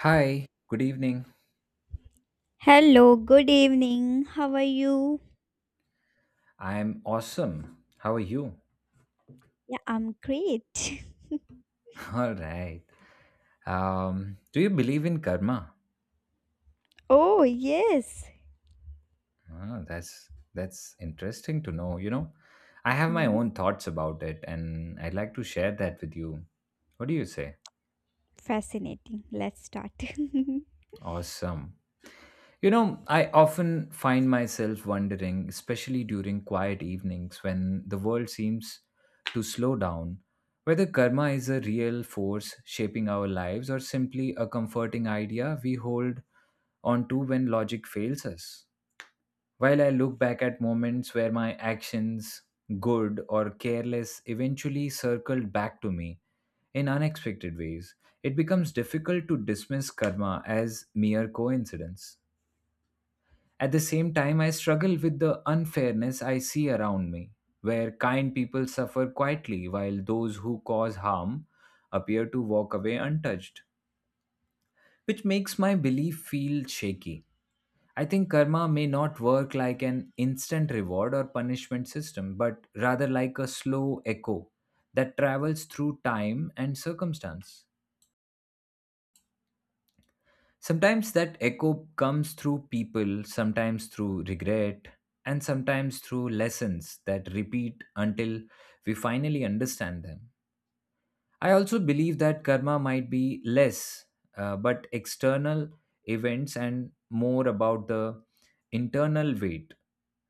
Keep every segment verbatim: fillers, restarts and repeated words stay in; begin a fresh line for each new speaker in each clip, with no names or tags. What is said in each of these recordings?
Hi, good evening.
Hello, good evening. How are you?
I'm awesome. How are you?
Yeah, I'm great.
All right. Um, do you believe in karma?
Oh, yes.
Ah, that's that's interesting to know, you know. I have my
Hmm,
own thoughts about it and I'd like to share that with you. What do you say?
Fascinating. Let's start.
Awesome. You know, I often find myself wondering, especially during quiet evenings when the world seems to slow down, whether karma is a real force shaping our lives or simply a comforting idea we hold on to when logic fails us. While I look back at moments where my actions, good or careless, eventually circled back to me in unexpected ways, it becomes difficult to dismiss karma as mere coincidence. At the same time, I struggle with the unfairness I see around me, where kind people suffer quietly while those who cause harm appear to walk away untouched, which makes my belief feel shaky. I think karma may not work like an instant reward or punishment system, but rather like a slow echo that travels through time and circumstance. Sometimes that echo comes through people, sometimes through regret, and sometimes through lessons that repeat until we finally understand them. I also believe that karma might be less, uh, but external events and more about the internal weight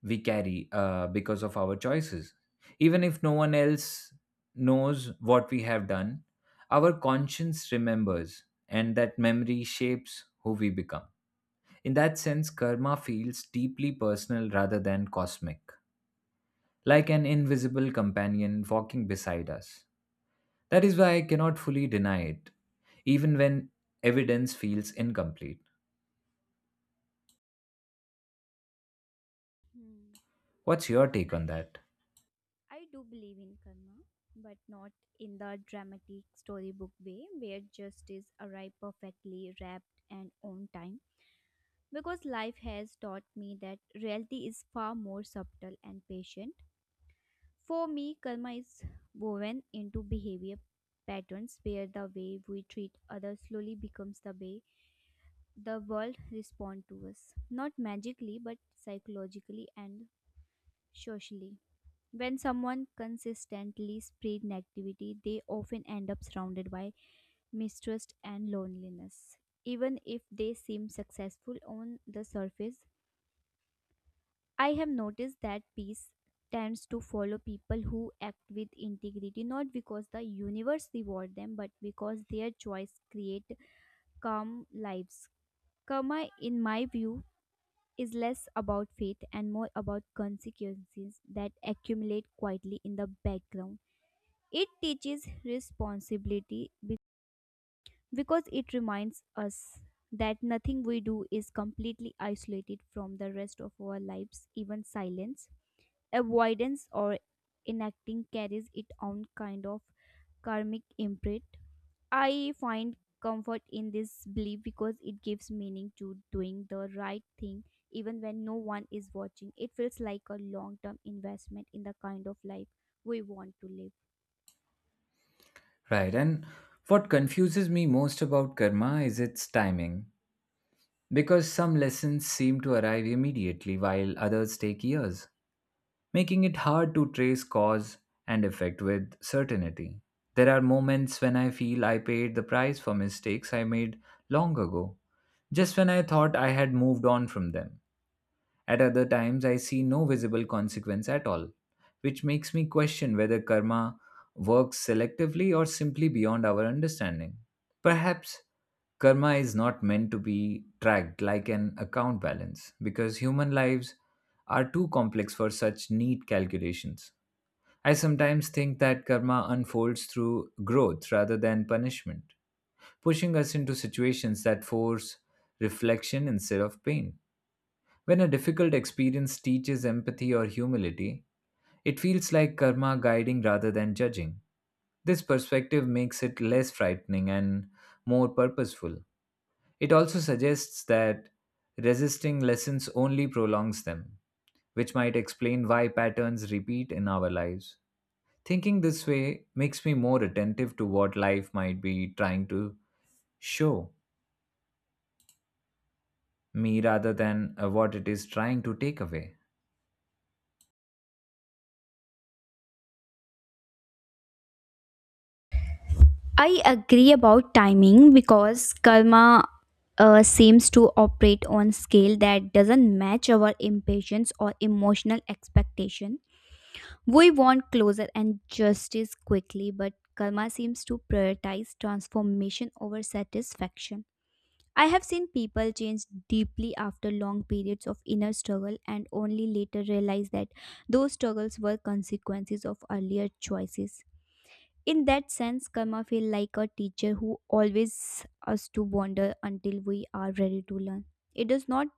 we carry uh, because of our choices. Even if no one else knows what we have done, our conscience remembers, and that memory shapes who we become. In that sense, karma feels deeply personal rather than cosmic, like an invisible companion walking beside us. That is why I cannot fully deny it, even when evidence feels incomplete.
Hmm.
What's your take on that?
I do believe in karma, but not in the dramatic storybook way where justice arrives perfectly wrapped and on time. Because life has taught me that reality is far more subtle and patient. For me, karma is woven into behavior patterns where the way we treat others slowly becomes the way the world responds to us. Not magically, but psychologically and socially. When someone consistently spreads negativity, they often end up surrounded by mistrust and loneliness. Even if they seem successful on the surface, I have noticed that peace tends to follow people who act with integrity, not because the universe reward them but because their choice create calm lives. Karma, in my view, is less about faith and more about consequences that accumulate quietly in the background. It teaches responsibility be- because it reminds us that nothing we do is completely isolated from the rest of our lives. Even silence, avoidance or enacting carries its own kind of karmic imprint. I find comfort in this belief because it gives meaning to doing the right thing even when no one is watching. It feels like a long term investment in the kind of life we want to live.
Right, and what confuses me most about karma is its timing, because some lessons seem to arrive immediately while others take years, making it hard to trace cause and effect with certainty. There are moments when I feel I paid the price for mistakes I made long ago, just when I thought I had moved on from them. At other times, I see no visible consequence at all, which makes me question whether karma works selectively or simply beyond our understanding. Perhaps karma is not meant to be tracked like an account balance because human lives are too complex for such neat calculations. I sometimes think that karma unfolds through growth rather than punishment, pushing us into situations that force reflection instead of pain. When a difficult experience teaches empathy or humility, it feels like karma guiding rather than judging. This perspective makes it less frightening and more purposeful. It also suggests that resisting lessons only prolongs them, which might explain why patterns repeat in our lives. Thinking this way makes me more attentive to what life might be trying to show me rather than uh, what it is trying to take away.
I agree about timing because karma uh, seems to operate on scale that doesn't match our impatience or emotional expectation. We want closure and justice quickly, but karma seems to prioritize transformation over satisfaction. I have seen people change deeply after long periods of inner struggle and only later realize that those struggles were consequences of earlier choices. In that sense, karma feels like a teacher who always us to wander until we are ready to learn. It does not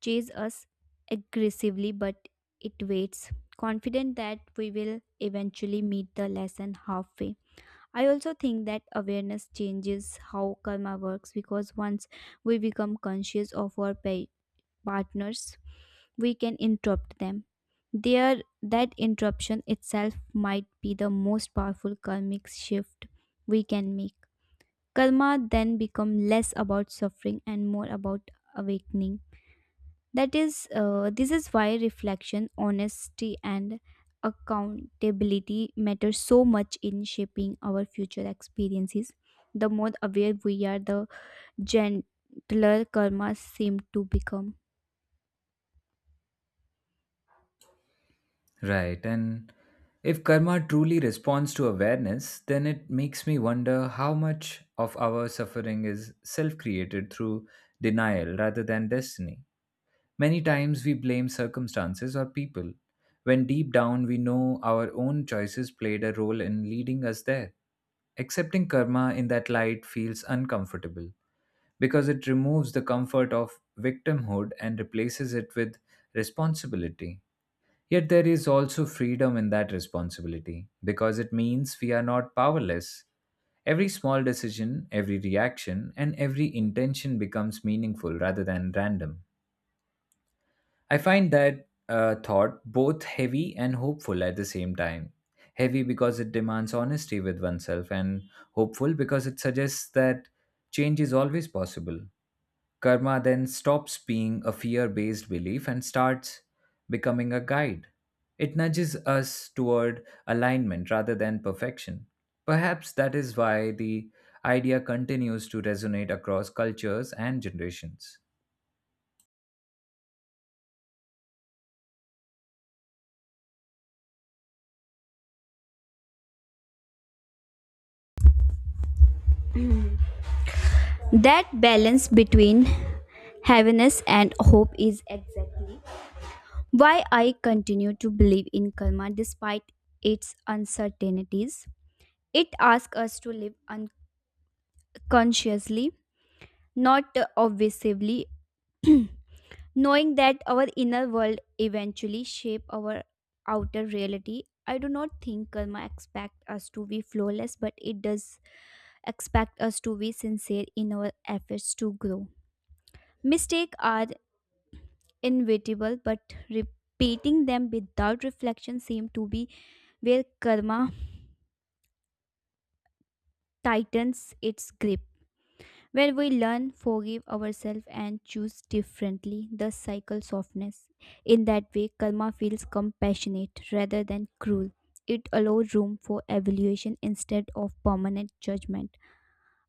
chase us aggressively, but it waits, confident that we will eventually meet the lesson halfway. I also think that awareness changes how karma works, because once we become conscious of our pa- partners, we can interrupt them. There, that interruption itself might be the most powerful karmic shift we can make. Karma then become less about suffering and more about awakening. That is uh, this is why reflection, honesty and accountability matter so much in shaping our future experiences. The more aware we are, the gentler karma seem to become.
Right. And if karma truly responds to awareness, then it makes me wonder how much of our suffering is self created through denial rather than destiny. Many times we blame circumstances or people, when deep down we know our own choices played a role in leading us there. Accepting karma in that light feels uncomfortable because it removes the comfort of victimhood and replaces it with responsibility. Yet there is also freedom in that responsibility because it means we are not powerless. Every small decision, every reaction, and every intention becomes meaningful rather than random. I find that uh, thought both heavy and hopeful at the same time. Heavy because it demands honesty with oneself, and hopeful because it suggests that change is always possible. Karma then stops being a fear based belief and starts becoming a guide. It nudges us toward alignment rather than perfection. Perhaps that is why the idea continues to resonate across cultures and generations.
That balance between heaviness and hope is exactly why I continue to believe in karma despite its uncertainties. It asks us to live unconsciously, not obviously. Knowing that our inner world eventually shape our outer reality, I do not think karma expect us to be flawless, but it does expect us to be sincere in our efforts to grow. Mistakes are inevitable, but repeating them without reflection seem to be where karma tightens its grip. When we learn, forgive ourselves, and choose differently, the cycle softens. In that way, karma feels compassionate rather than cruel. It allows room for evaluation instead of permanent judgment.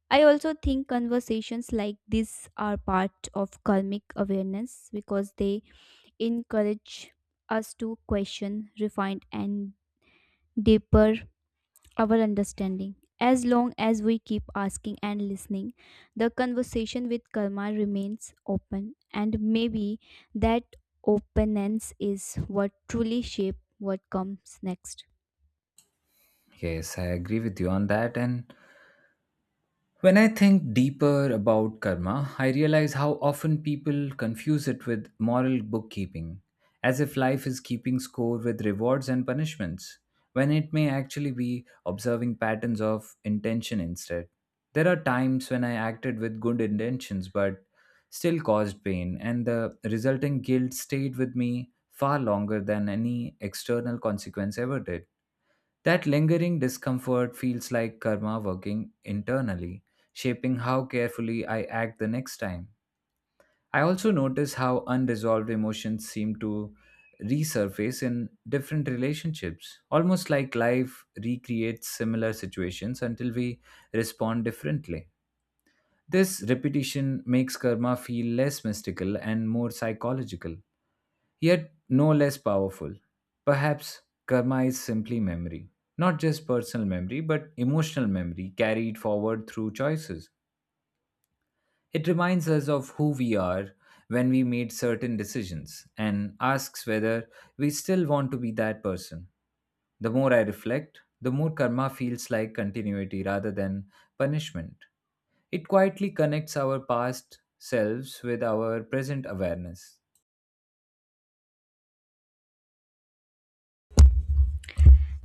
I also think conversations like this are part of karmic awareness because they encourage us to question, refine, and deeper our understanding. As long as we keep asking and listening, the conversation with karma remains open, and maybe that openness is what truly shapes what comes next.
Yes, I agree with you on that. And when I think deeper about karma, I realize how often people confuse it with moral bookkeeping, as if life is keeping score with rewards and punishments, when it may actually be observing patterns of intention instead. There are times when I acted with good intentions but still caused pain, and the resulting guilt stayed with me far longer than any external consequence ever did. That lingering discomfort feels like karma working internally, shaping how carefully I act the next time. I also notice how unresolved emotions seem to resurface in different relationships, almost like life recreates similar situations until we respond differently. This repetition makes karma feel less mystical and more psychological, yet no less powerful. Perhaps karma is simply memory, not just personal memory, but emotional memory carried forward through choices. It reminds us of who we are when we made certain decisions and asks whether we still want to be that person. The more I reflect, the more karma feels like continuity rather than punishment. It quietly connects our past selves with our present awareness.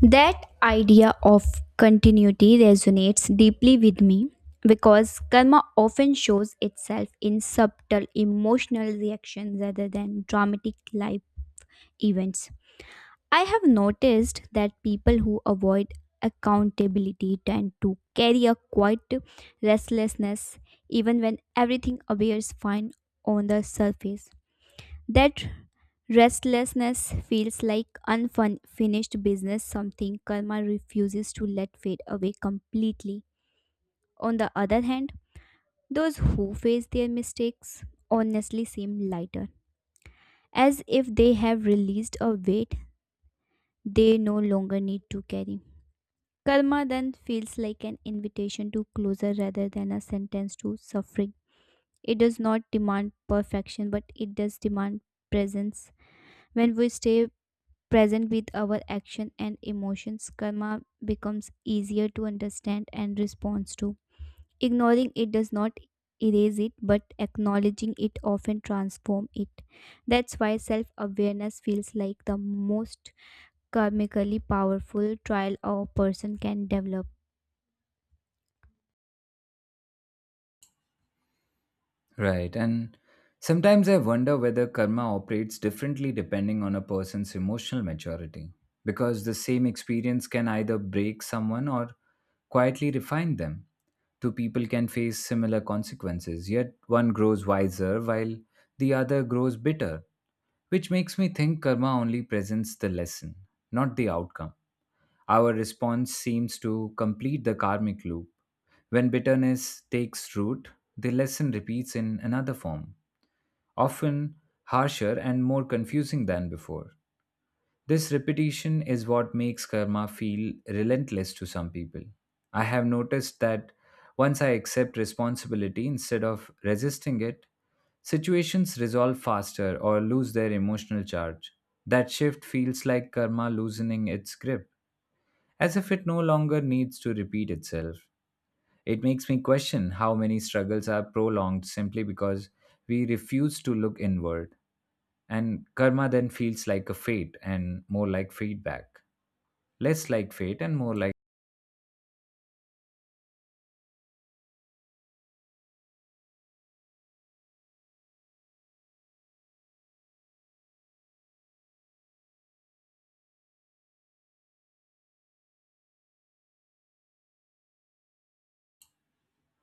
That idea of continuity resonates deeply with me because karma often shows itself in subtle emotional reactions rather than dramatic life events. I have noticed that people who avoid accountability tend to carry a quiet restlessness even when everything appears fine on the surface. That restlessness feels like unfinished business, something karma refuses to let fade away completely. On the other hand, those who face their mistakes honestly seem lighter, as if they have released a weight they no longer need to carry. Karma then feels like an invitation to closure rather than a sentence to suffering. It does not demand perfection, but it does demand presence. When we stay present with our action and emotions, karma becomes easier to understand and respond to. Ignoring it does not erase it, but acknowledging it often transforms it. That's why self awareness feels like the most karmically powerful trial a person can develop.
Right, and sometimes I wonder whether karma operates differently depending on a person's emotional maturity, because the same experience can either break someone or quietly refine them. Two people can face similar consequences, yet one grows wiser while the other grows bitter, which makes me think karma only presents the lesson, not the outcome. Our response seems to complete the karmic loop. When bitterness takes root, the lesson repeats in another form often harsher and more confusing than before. This repetition is what makes karma feel relentless to some people. I have noticed that once I accept responsibility instead of resisting it, situations resolve faster or lose their emotional charge. That shift feels like karma loosening its grip, as if it no longer needs to repeat itself. It makes me question how many struggles are prolonged simply because we refuse to look inward. And karma then feels like a fate and more like feedback. Less like fate and more like.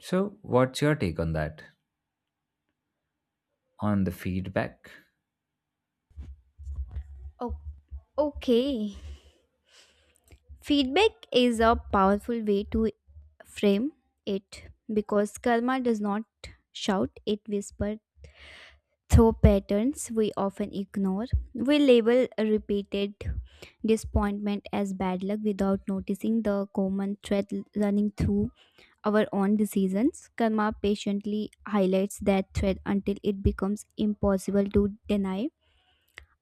So, what's your take on that? On the feedback?
Okay. Okay, feedback is a powerful way to frame it because karma does not shout, it whispers through patterns we often ignore. We label a repeated disappointment as bad luck without noticing the common thread running through our own decisions. Karma patiently highlights that thread until it becomes impossible to deny.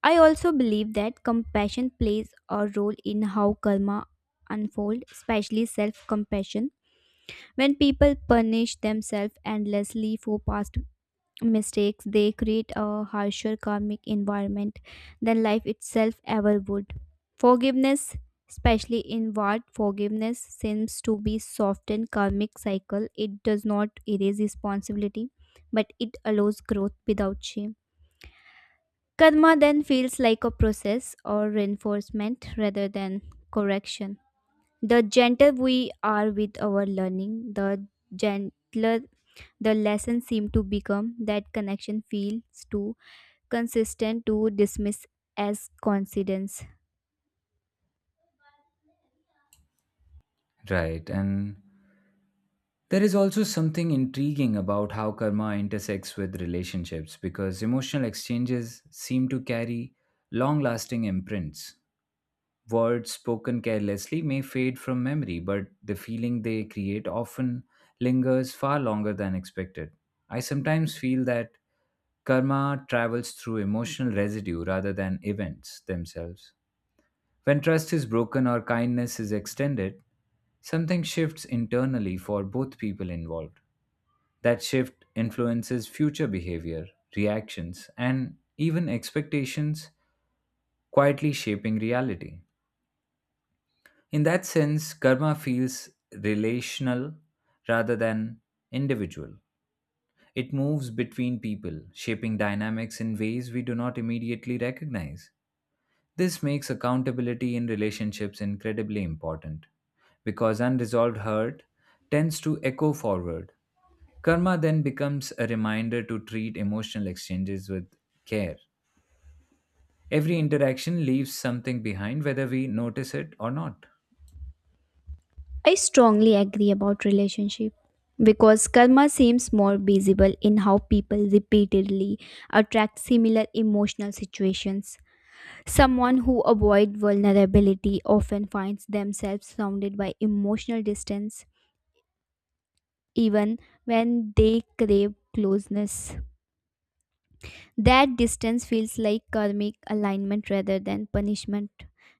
I also believe that compassion plays a role in how karma unfolds, especially self-compassion. When people punish themselves endlessly for past mistakes, they create a harsher karmic environment than life itself ever would. Forgiveness, especially inward forgiveness, seems to be softened karmic cycle. It does not erase responsibility, but it allows growth without shame. Karma then feels like a process or reinforcement rather than correction. The gentle we are with our learning, the gentler the lessons seem to become. That connection feels too consistent to dismiss as coincidence.
Right. And there is also something intriguing about how karma intersects with relationships because emotional exchanges seem to carry long lasting imprints. Words spoken carelessly may fade from memory, but the feeling they create often lingers far longer than expected. I sometimes feel that karma travels through emotional residue rather than events themselves. When trust is broken or kindness is extended, something shifts internally for both people involved. That shift influences future behavior, reactions, and even expectations, quietly shaping reality. In that sense, karma feels relational rather than individual. It moves between people, shaping dynamics in ways we do not immediately recognize. This makes accountability in relationships incredibly important because unresolved hurt tends to echo forward. Karma then becomes a reminder to treat emotional exchanges with care. Every interaction leaves something behind, whether we notice it or not.
I strongly agree about relationship because karma seems more visible in how people repeatedly attract similar emotional situations. Someone who avoids vulnerability often finds themselves surrounded by emotional distance, even when they crave closeness. That distance feels like karmic alignment rather than punishment.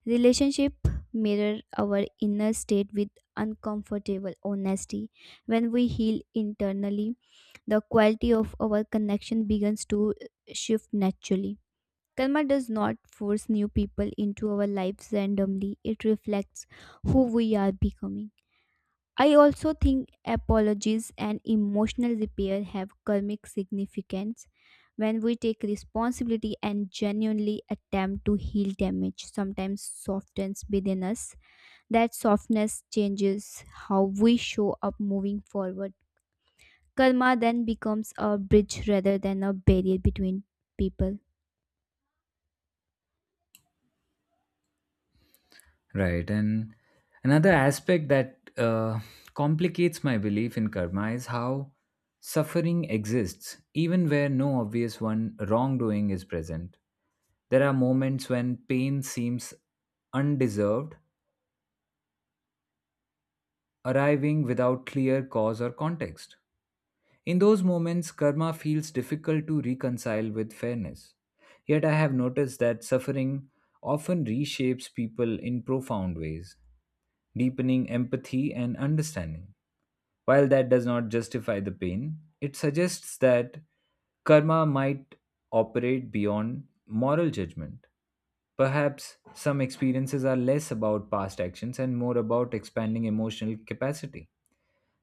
Relationship mirror our inner state with uncomfortable honesty. When we heal internally, the quality of our connection begins to shift naturally. Karma does not force new people into our lives randomly, it reflects who we are becoming. I also think apologies and emotional repair have karmic significance. When we take responsibility and genuinely attempt to heal, damage sometimes softens within us. That softness changes how we show up moving forward. Karma then becomes a bridge rather than a barrier between people.
Right. And another aspect that uh, complicates my belief in karma is how suffering exists, even where no obvious one wrongdoing is present. There are moments when pain seems undeserved, arriving without clear cause or context. In those moments, karma feels difficult to reconcile with fairness. Yet I have noticed that suffering often reshapes people in profound ways, deepening empathy and understanding. While that does not justify the pain, it suggests that karma might operate beyond moral judgment. Perhaps some experiences are less about past actions and more about expanding emotional capacity.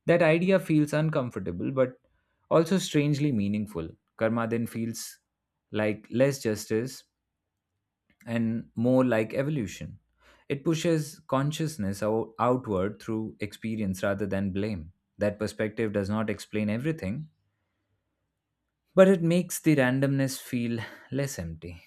That idea feels uncomfortable but also strangely meaningful. Karma then feels like less justice and more like evolution. It pushes consciousness out- outward through experience rather than blame. That perspective does not explain everything, but it makes the randomness feel less empty.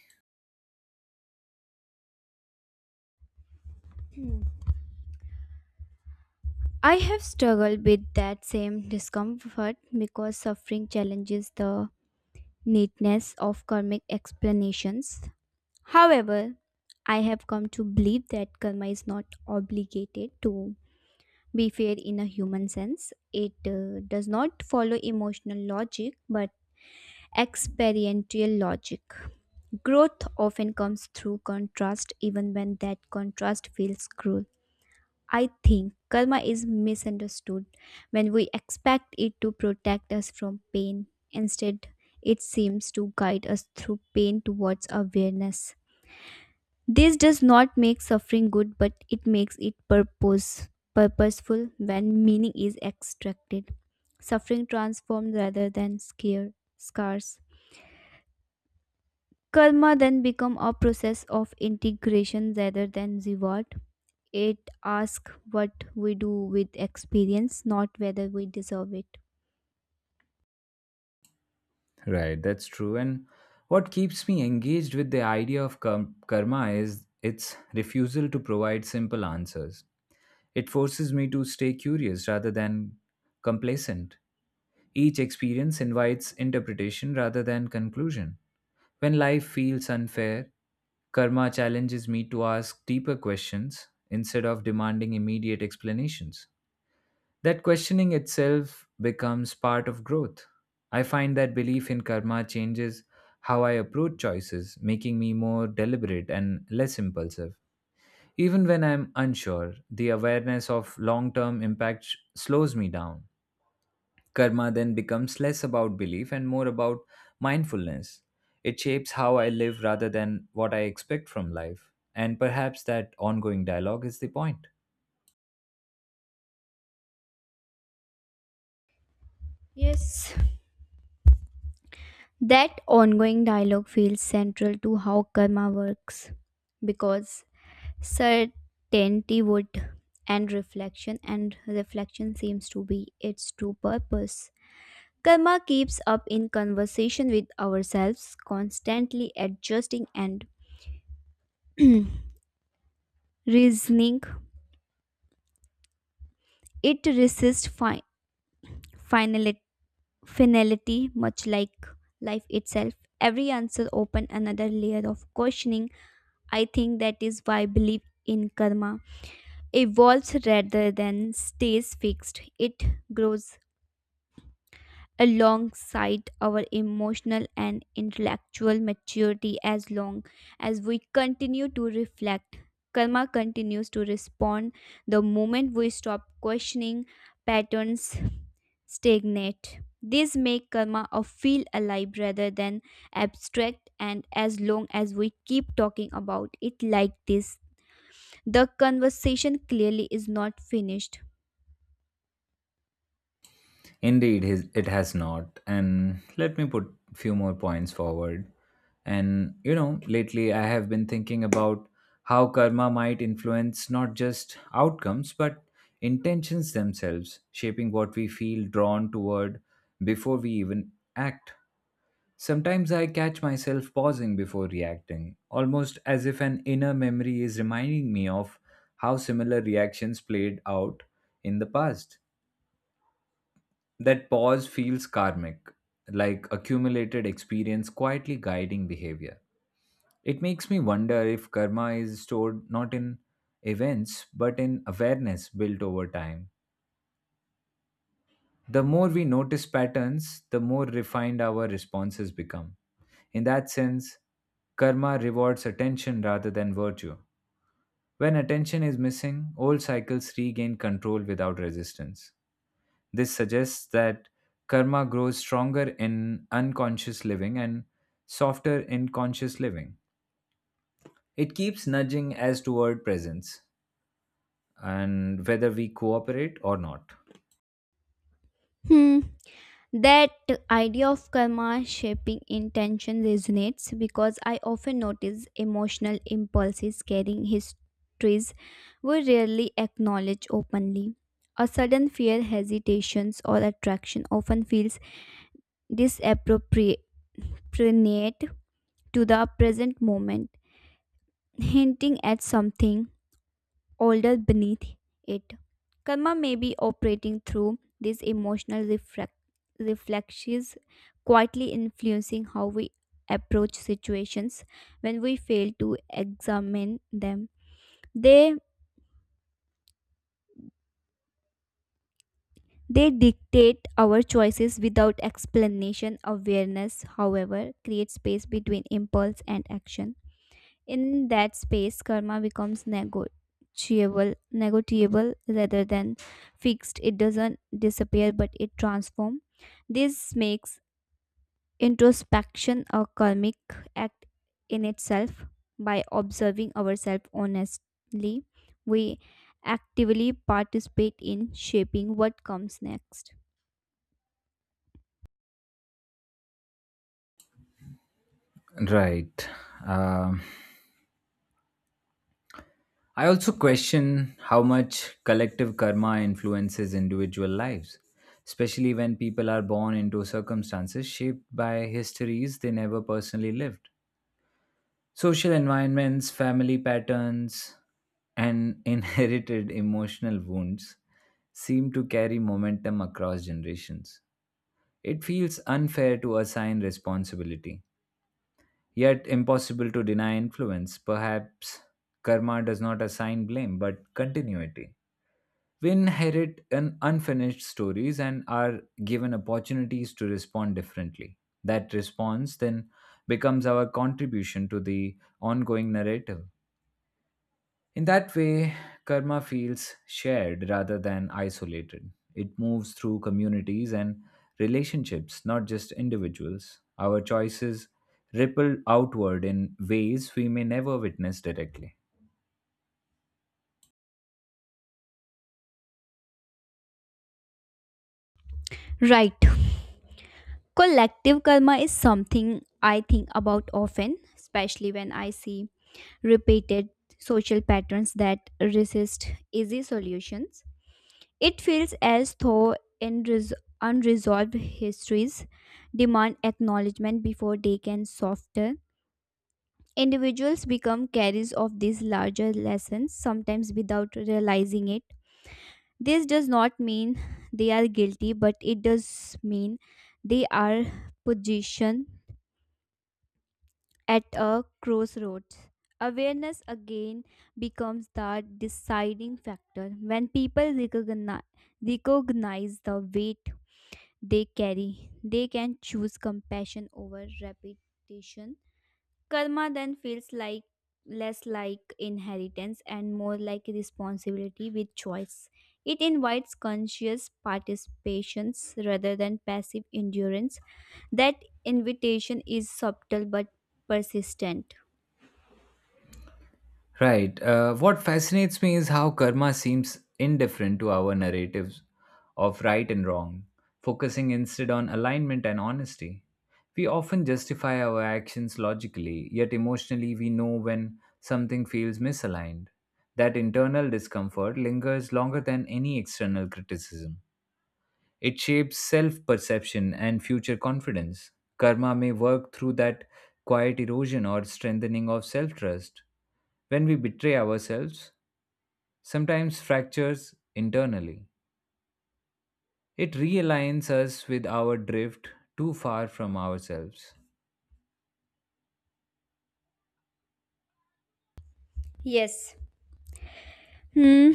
I have struggled with that same discomfort because suffering challenges the neatness of karmic explanations. However, I have come to believe that karma is not obligated to be fair in a human sense. It uh, does not follow emotional logic but experiential logic. Growth often comes through contrast, even when that contrast feels cruel. I think karma is misunderstood when we expect it to protect us from pain. Instead, it seems to guide us through pain towards awareness. This does not make suffering good, but it makes it purpose purposeful when meaning is extracted. Suffering transforms rather than scare scars. Karma then become a process of integration rather than reward. It asks what we do with experience, not whether we deserve it.
Right, that's true. And what keeps me engaged with the idea of kar- karma is its refusal to provide simple answers. It forces me to stay curious rather than complacent. Each experience invites interpretation rather than conclusion. When life feels unfair, karma challenges me to ask deeper questions instead of demanding immediate explanations. That questioning itself becomes part of growth. I find that belief in karma changes how I approach choices, making me more deliberate and less impulsive. Even when I'm unsure, the awareness of long term impact sh- slows me down. Karma then becomes less about belief and more about mindfulness. It shapes how I live rather than what I expect from life. And perhaps that ongoing dialogue is the point.
Yes. That ongoing dialogue feels central to how karma works because certainty would and reflection and reflection seems to be its true purpose. Karma keeps up in conversation with ourselves, constantly adjusting and reasoning. It resists fi- finality, finality, much like life itself. Every answer open another layer of questioning. I think that is why belief in karma evolves rather than stays fixed. It grows alongside our emotional and intellectual maturity as long as we continue to reflect. Karma continues to respond. The moment we stop questioning, patterns stagnate. This make karma a feel alive rather than abstract, and as long as we keep talking about it like this, the conversation clearly is not finished.
Indeed, his, it has not. And let me put few more points forward. And you know, lately I have been thinking about how karma might influence not just outcomes but intentions themselves, shaping what we feel drawn toward before we even act. Sometimes I catch myself pausing before reacting, almost as if an inner memory is reminding me of how similar reactions played out in the past that pause feels karmic, like accumulated experience quietly guiding behavior. It makes me wonder if karma is stored not in events but in awareness built over time. The more we notice patterns, the more refined our responses become. In that sense, karma rewards attention rather than virtue. When attention is missing, old cycles regain control without resistance. This suggests that karma grows stronger in unconscious living and softer in conscious living. It keeps nudging us toward presence and whether we cooperate or not.
Hmm. That idea of karma shaping intention resonates because I often notice emotional impulses carrying histories we rarely acknowledge openly. A sudden fear, hesitations, or attraction often feels disappropriate to the present moment, hinting at something older beneath it. Karma may be operating through these emotional reflec- reflexes, quietly influencing how we approach situations when we fail to examine them. They they dictate our choices without explanation. Awareness, however, creates space between impulse and action. In that space, karma becomes negotiable, negotiable rather than fixed. It doesn't disappear, but it transforms. This makes introspection a karmic act in itself. By observing ourselves honestly, we actively participate in shaping what comes next.
Right. Um, I also question how much collective karma influences individual lives, especially when people are born into circumstances shaped by histories they never personally lived. Social environments, family patterns, and inherited emotional wounds seem to carry momentum across generations. It feels unfair to assign responsibility, yet impossible to deny influence. Perhaps karma does not assign blame but continuity. We inherit an unfinished stories and are given opportunities to respond differently. That response then becomes our contribution to the ongoing narrative. In that way, karma feels shared rather than isolated. It moves through communities and relationships, not just individuals. Our choices ripple outward in ways we may never witness directly.
Right. Collective karma is something I think about often, especially when I see repeated social patterns that resist easy solutions. It feels as though unres- unresolved histories demand acknowledgement before they can soften. Individuals become carriers of these larger lessons, sometimes without realizing it. This does not mean they are guilty, but it does mean they are positioned. At a crossroads, awareness again becomes the deciding factor. When people recognize, recognize the weight they carry, they can choose compassion over repetition. Karma then feels like less like inheritance and more like responsibility with choice. It invites conscious participations rather than passive endurance. That invitation is subtle but persistent.
Right. Uh, what fascinates me is how karma seems indifferent to our narratives of right and wrong, focusing instead on alignment and honesty. We often justify our actions logically, yet emotionally we know when something feels misaligned. That internal discomfort lingers longer than any external criticism. It shapes self perception and future confidence. Karma may work through that quiet erosion or strengthening of self trust when we betray ourselves, sometimes fractures internally. It realigns us with our drift too far from ourselves.
Yes. Hmm.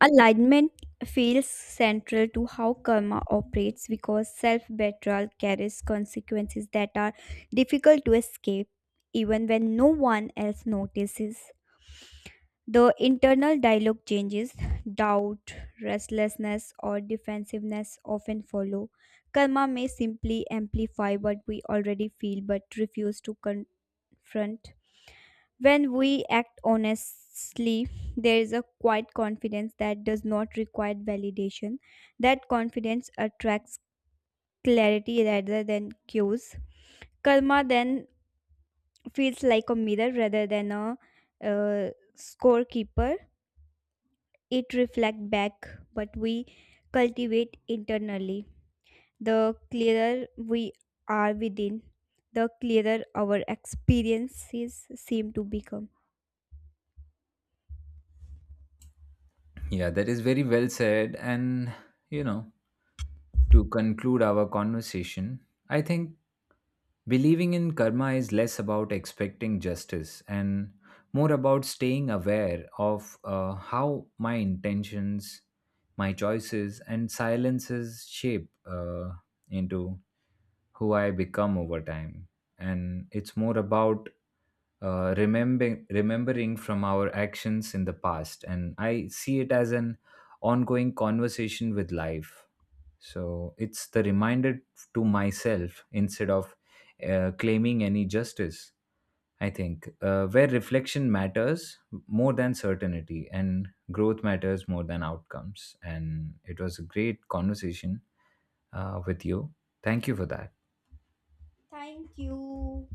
Alignment feels central to how karma operates because self betrayal carries consequences that are difficult to escape, even when no one else notices. The internal dialogue changes, doubt, restlessness, or defensiveness often follow. Karma may simply amplify what we already feel but refuse to con- front. When we act honestly, there is a quiet confidence that does not require validation. That confidence attracts clarity rather than cues. Karma then feels like a mirror rather than a uh, scorekeeper. It reflects back what we cultivate internally. The clearer we are within, the clearer our experiences seem to become.
Yeah, that is very well said. And, you know, to conclude our conversation, I think believing in karma is less about expecting justice and more about staying aware of uh, how my intentions, my choices, and silences shape uh, into who I become over time. And it's more about uh, remembering remembering from our actions in the past. And I see it as an ongoing conversation with life. So it's the reminder to myself instead of uh, claiming any justice. I think uh, where reflection matters more than certainty and growth matters more than outcomes. And it was a great conversation uh, with you. Thank you for that.
Thank you.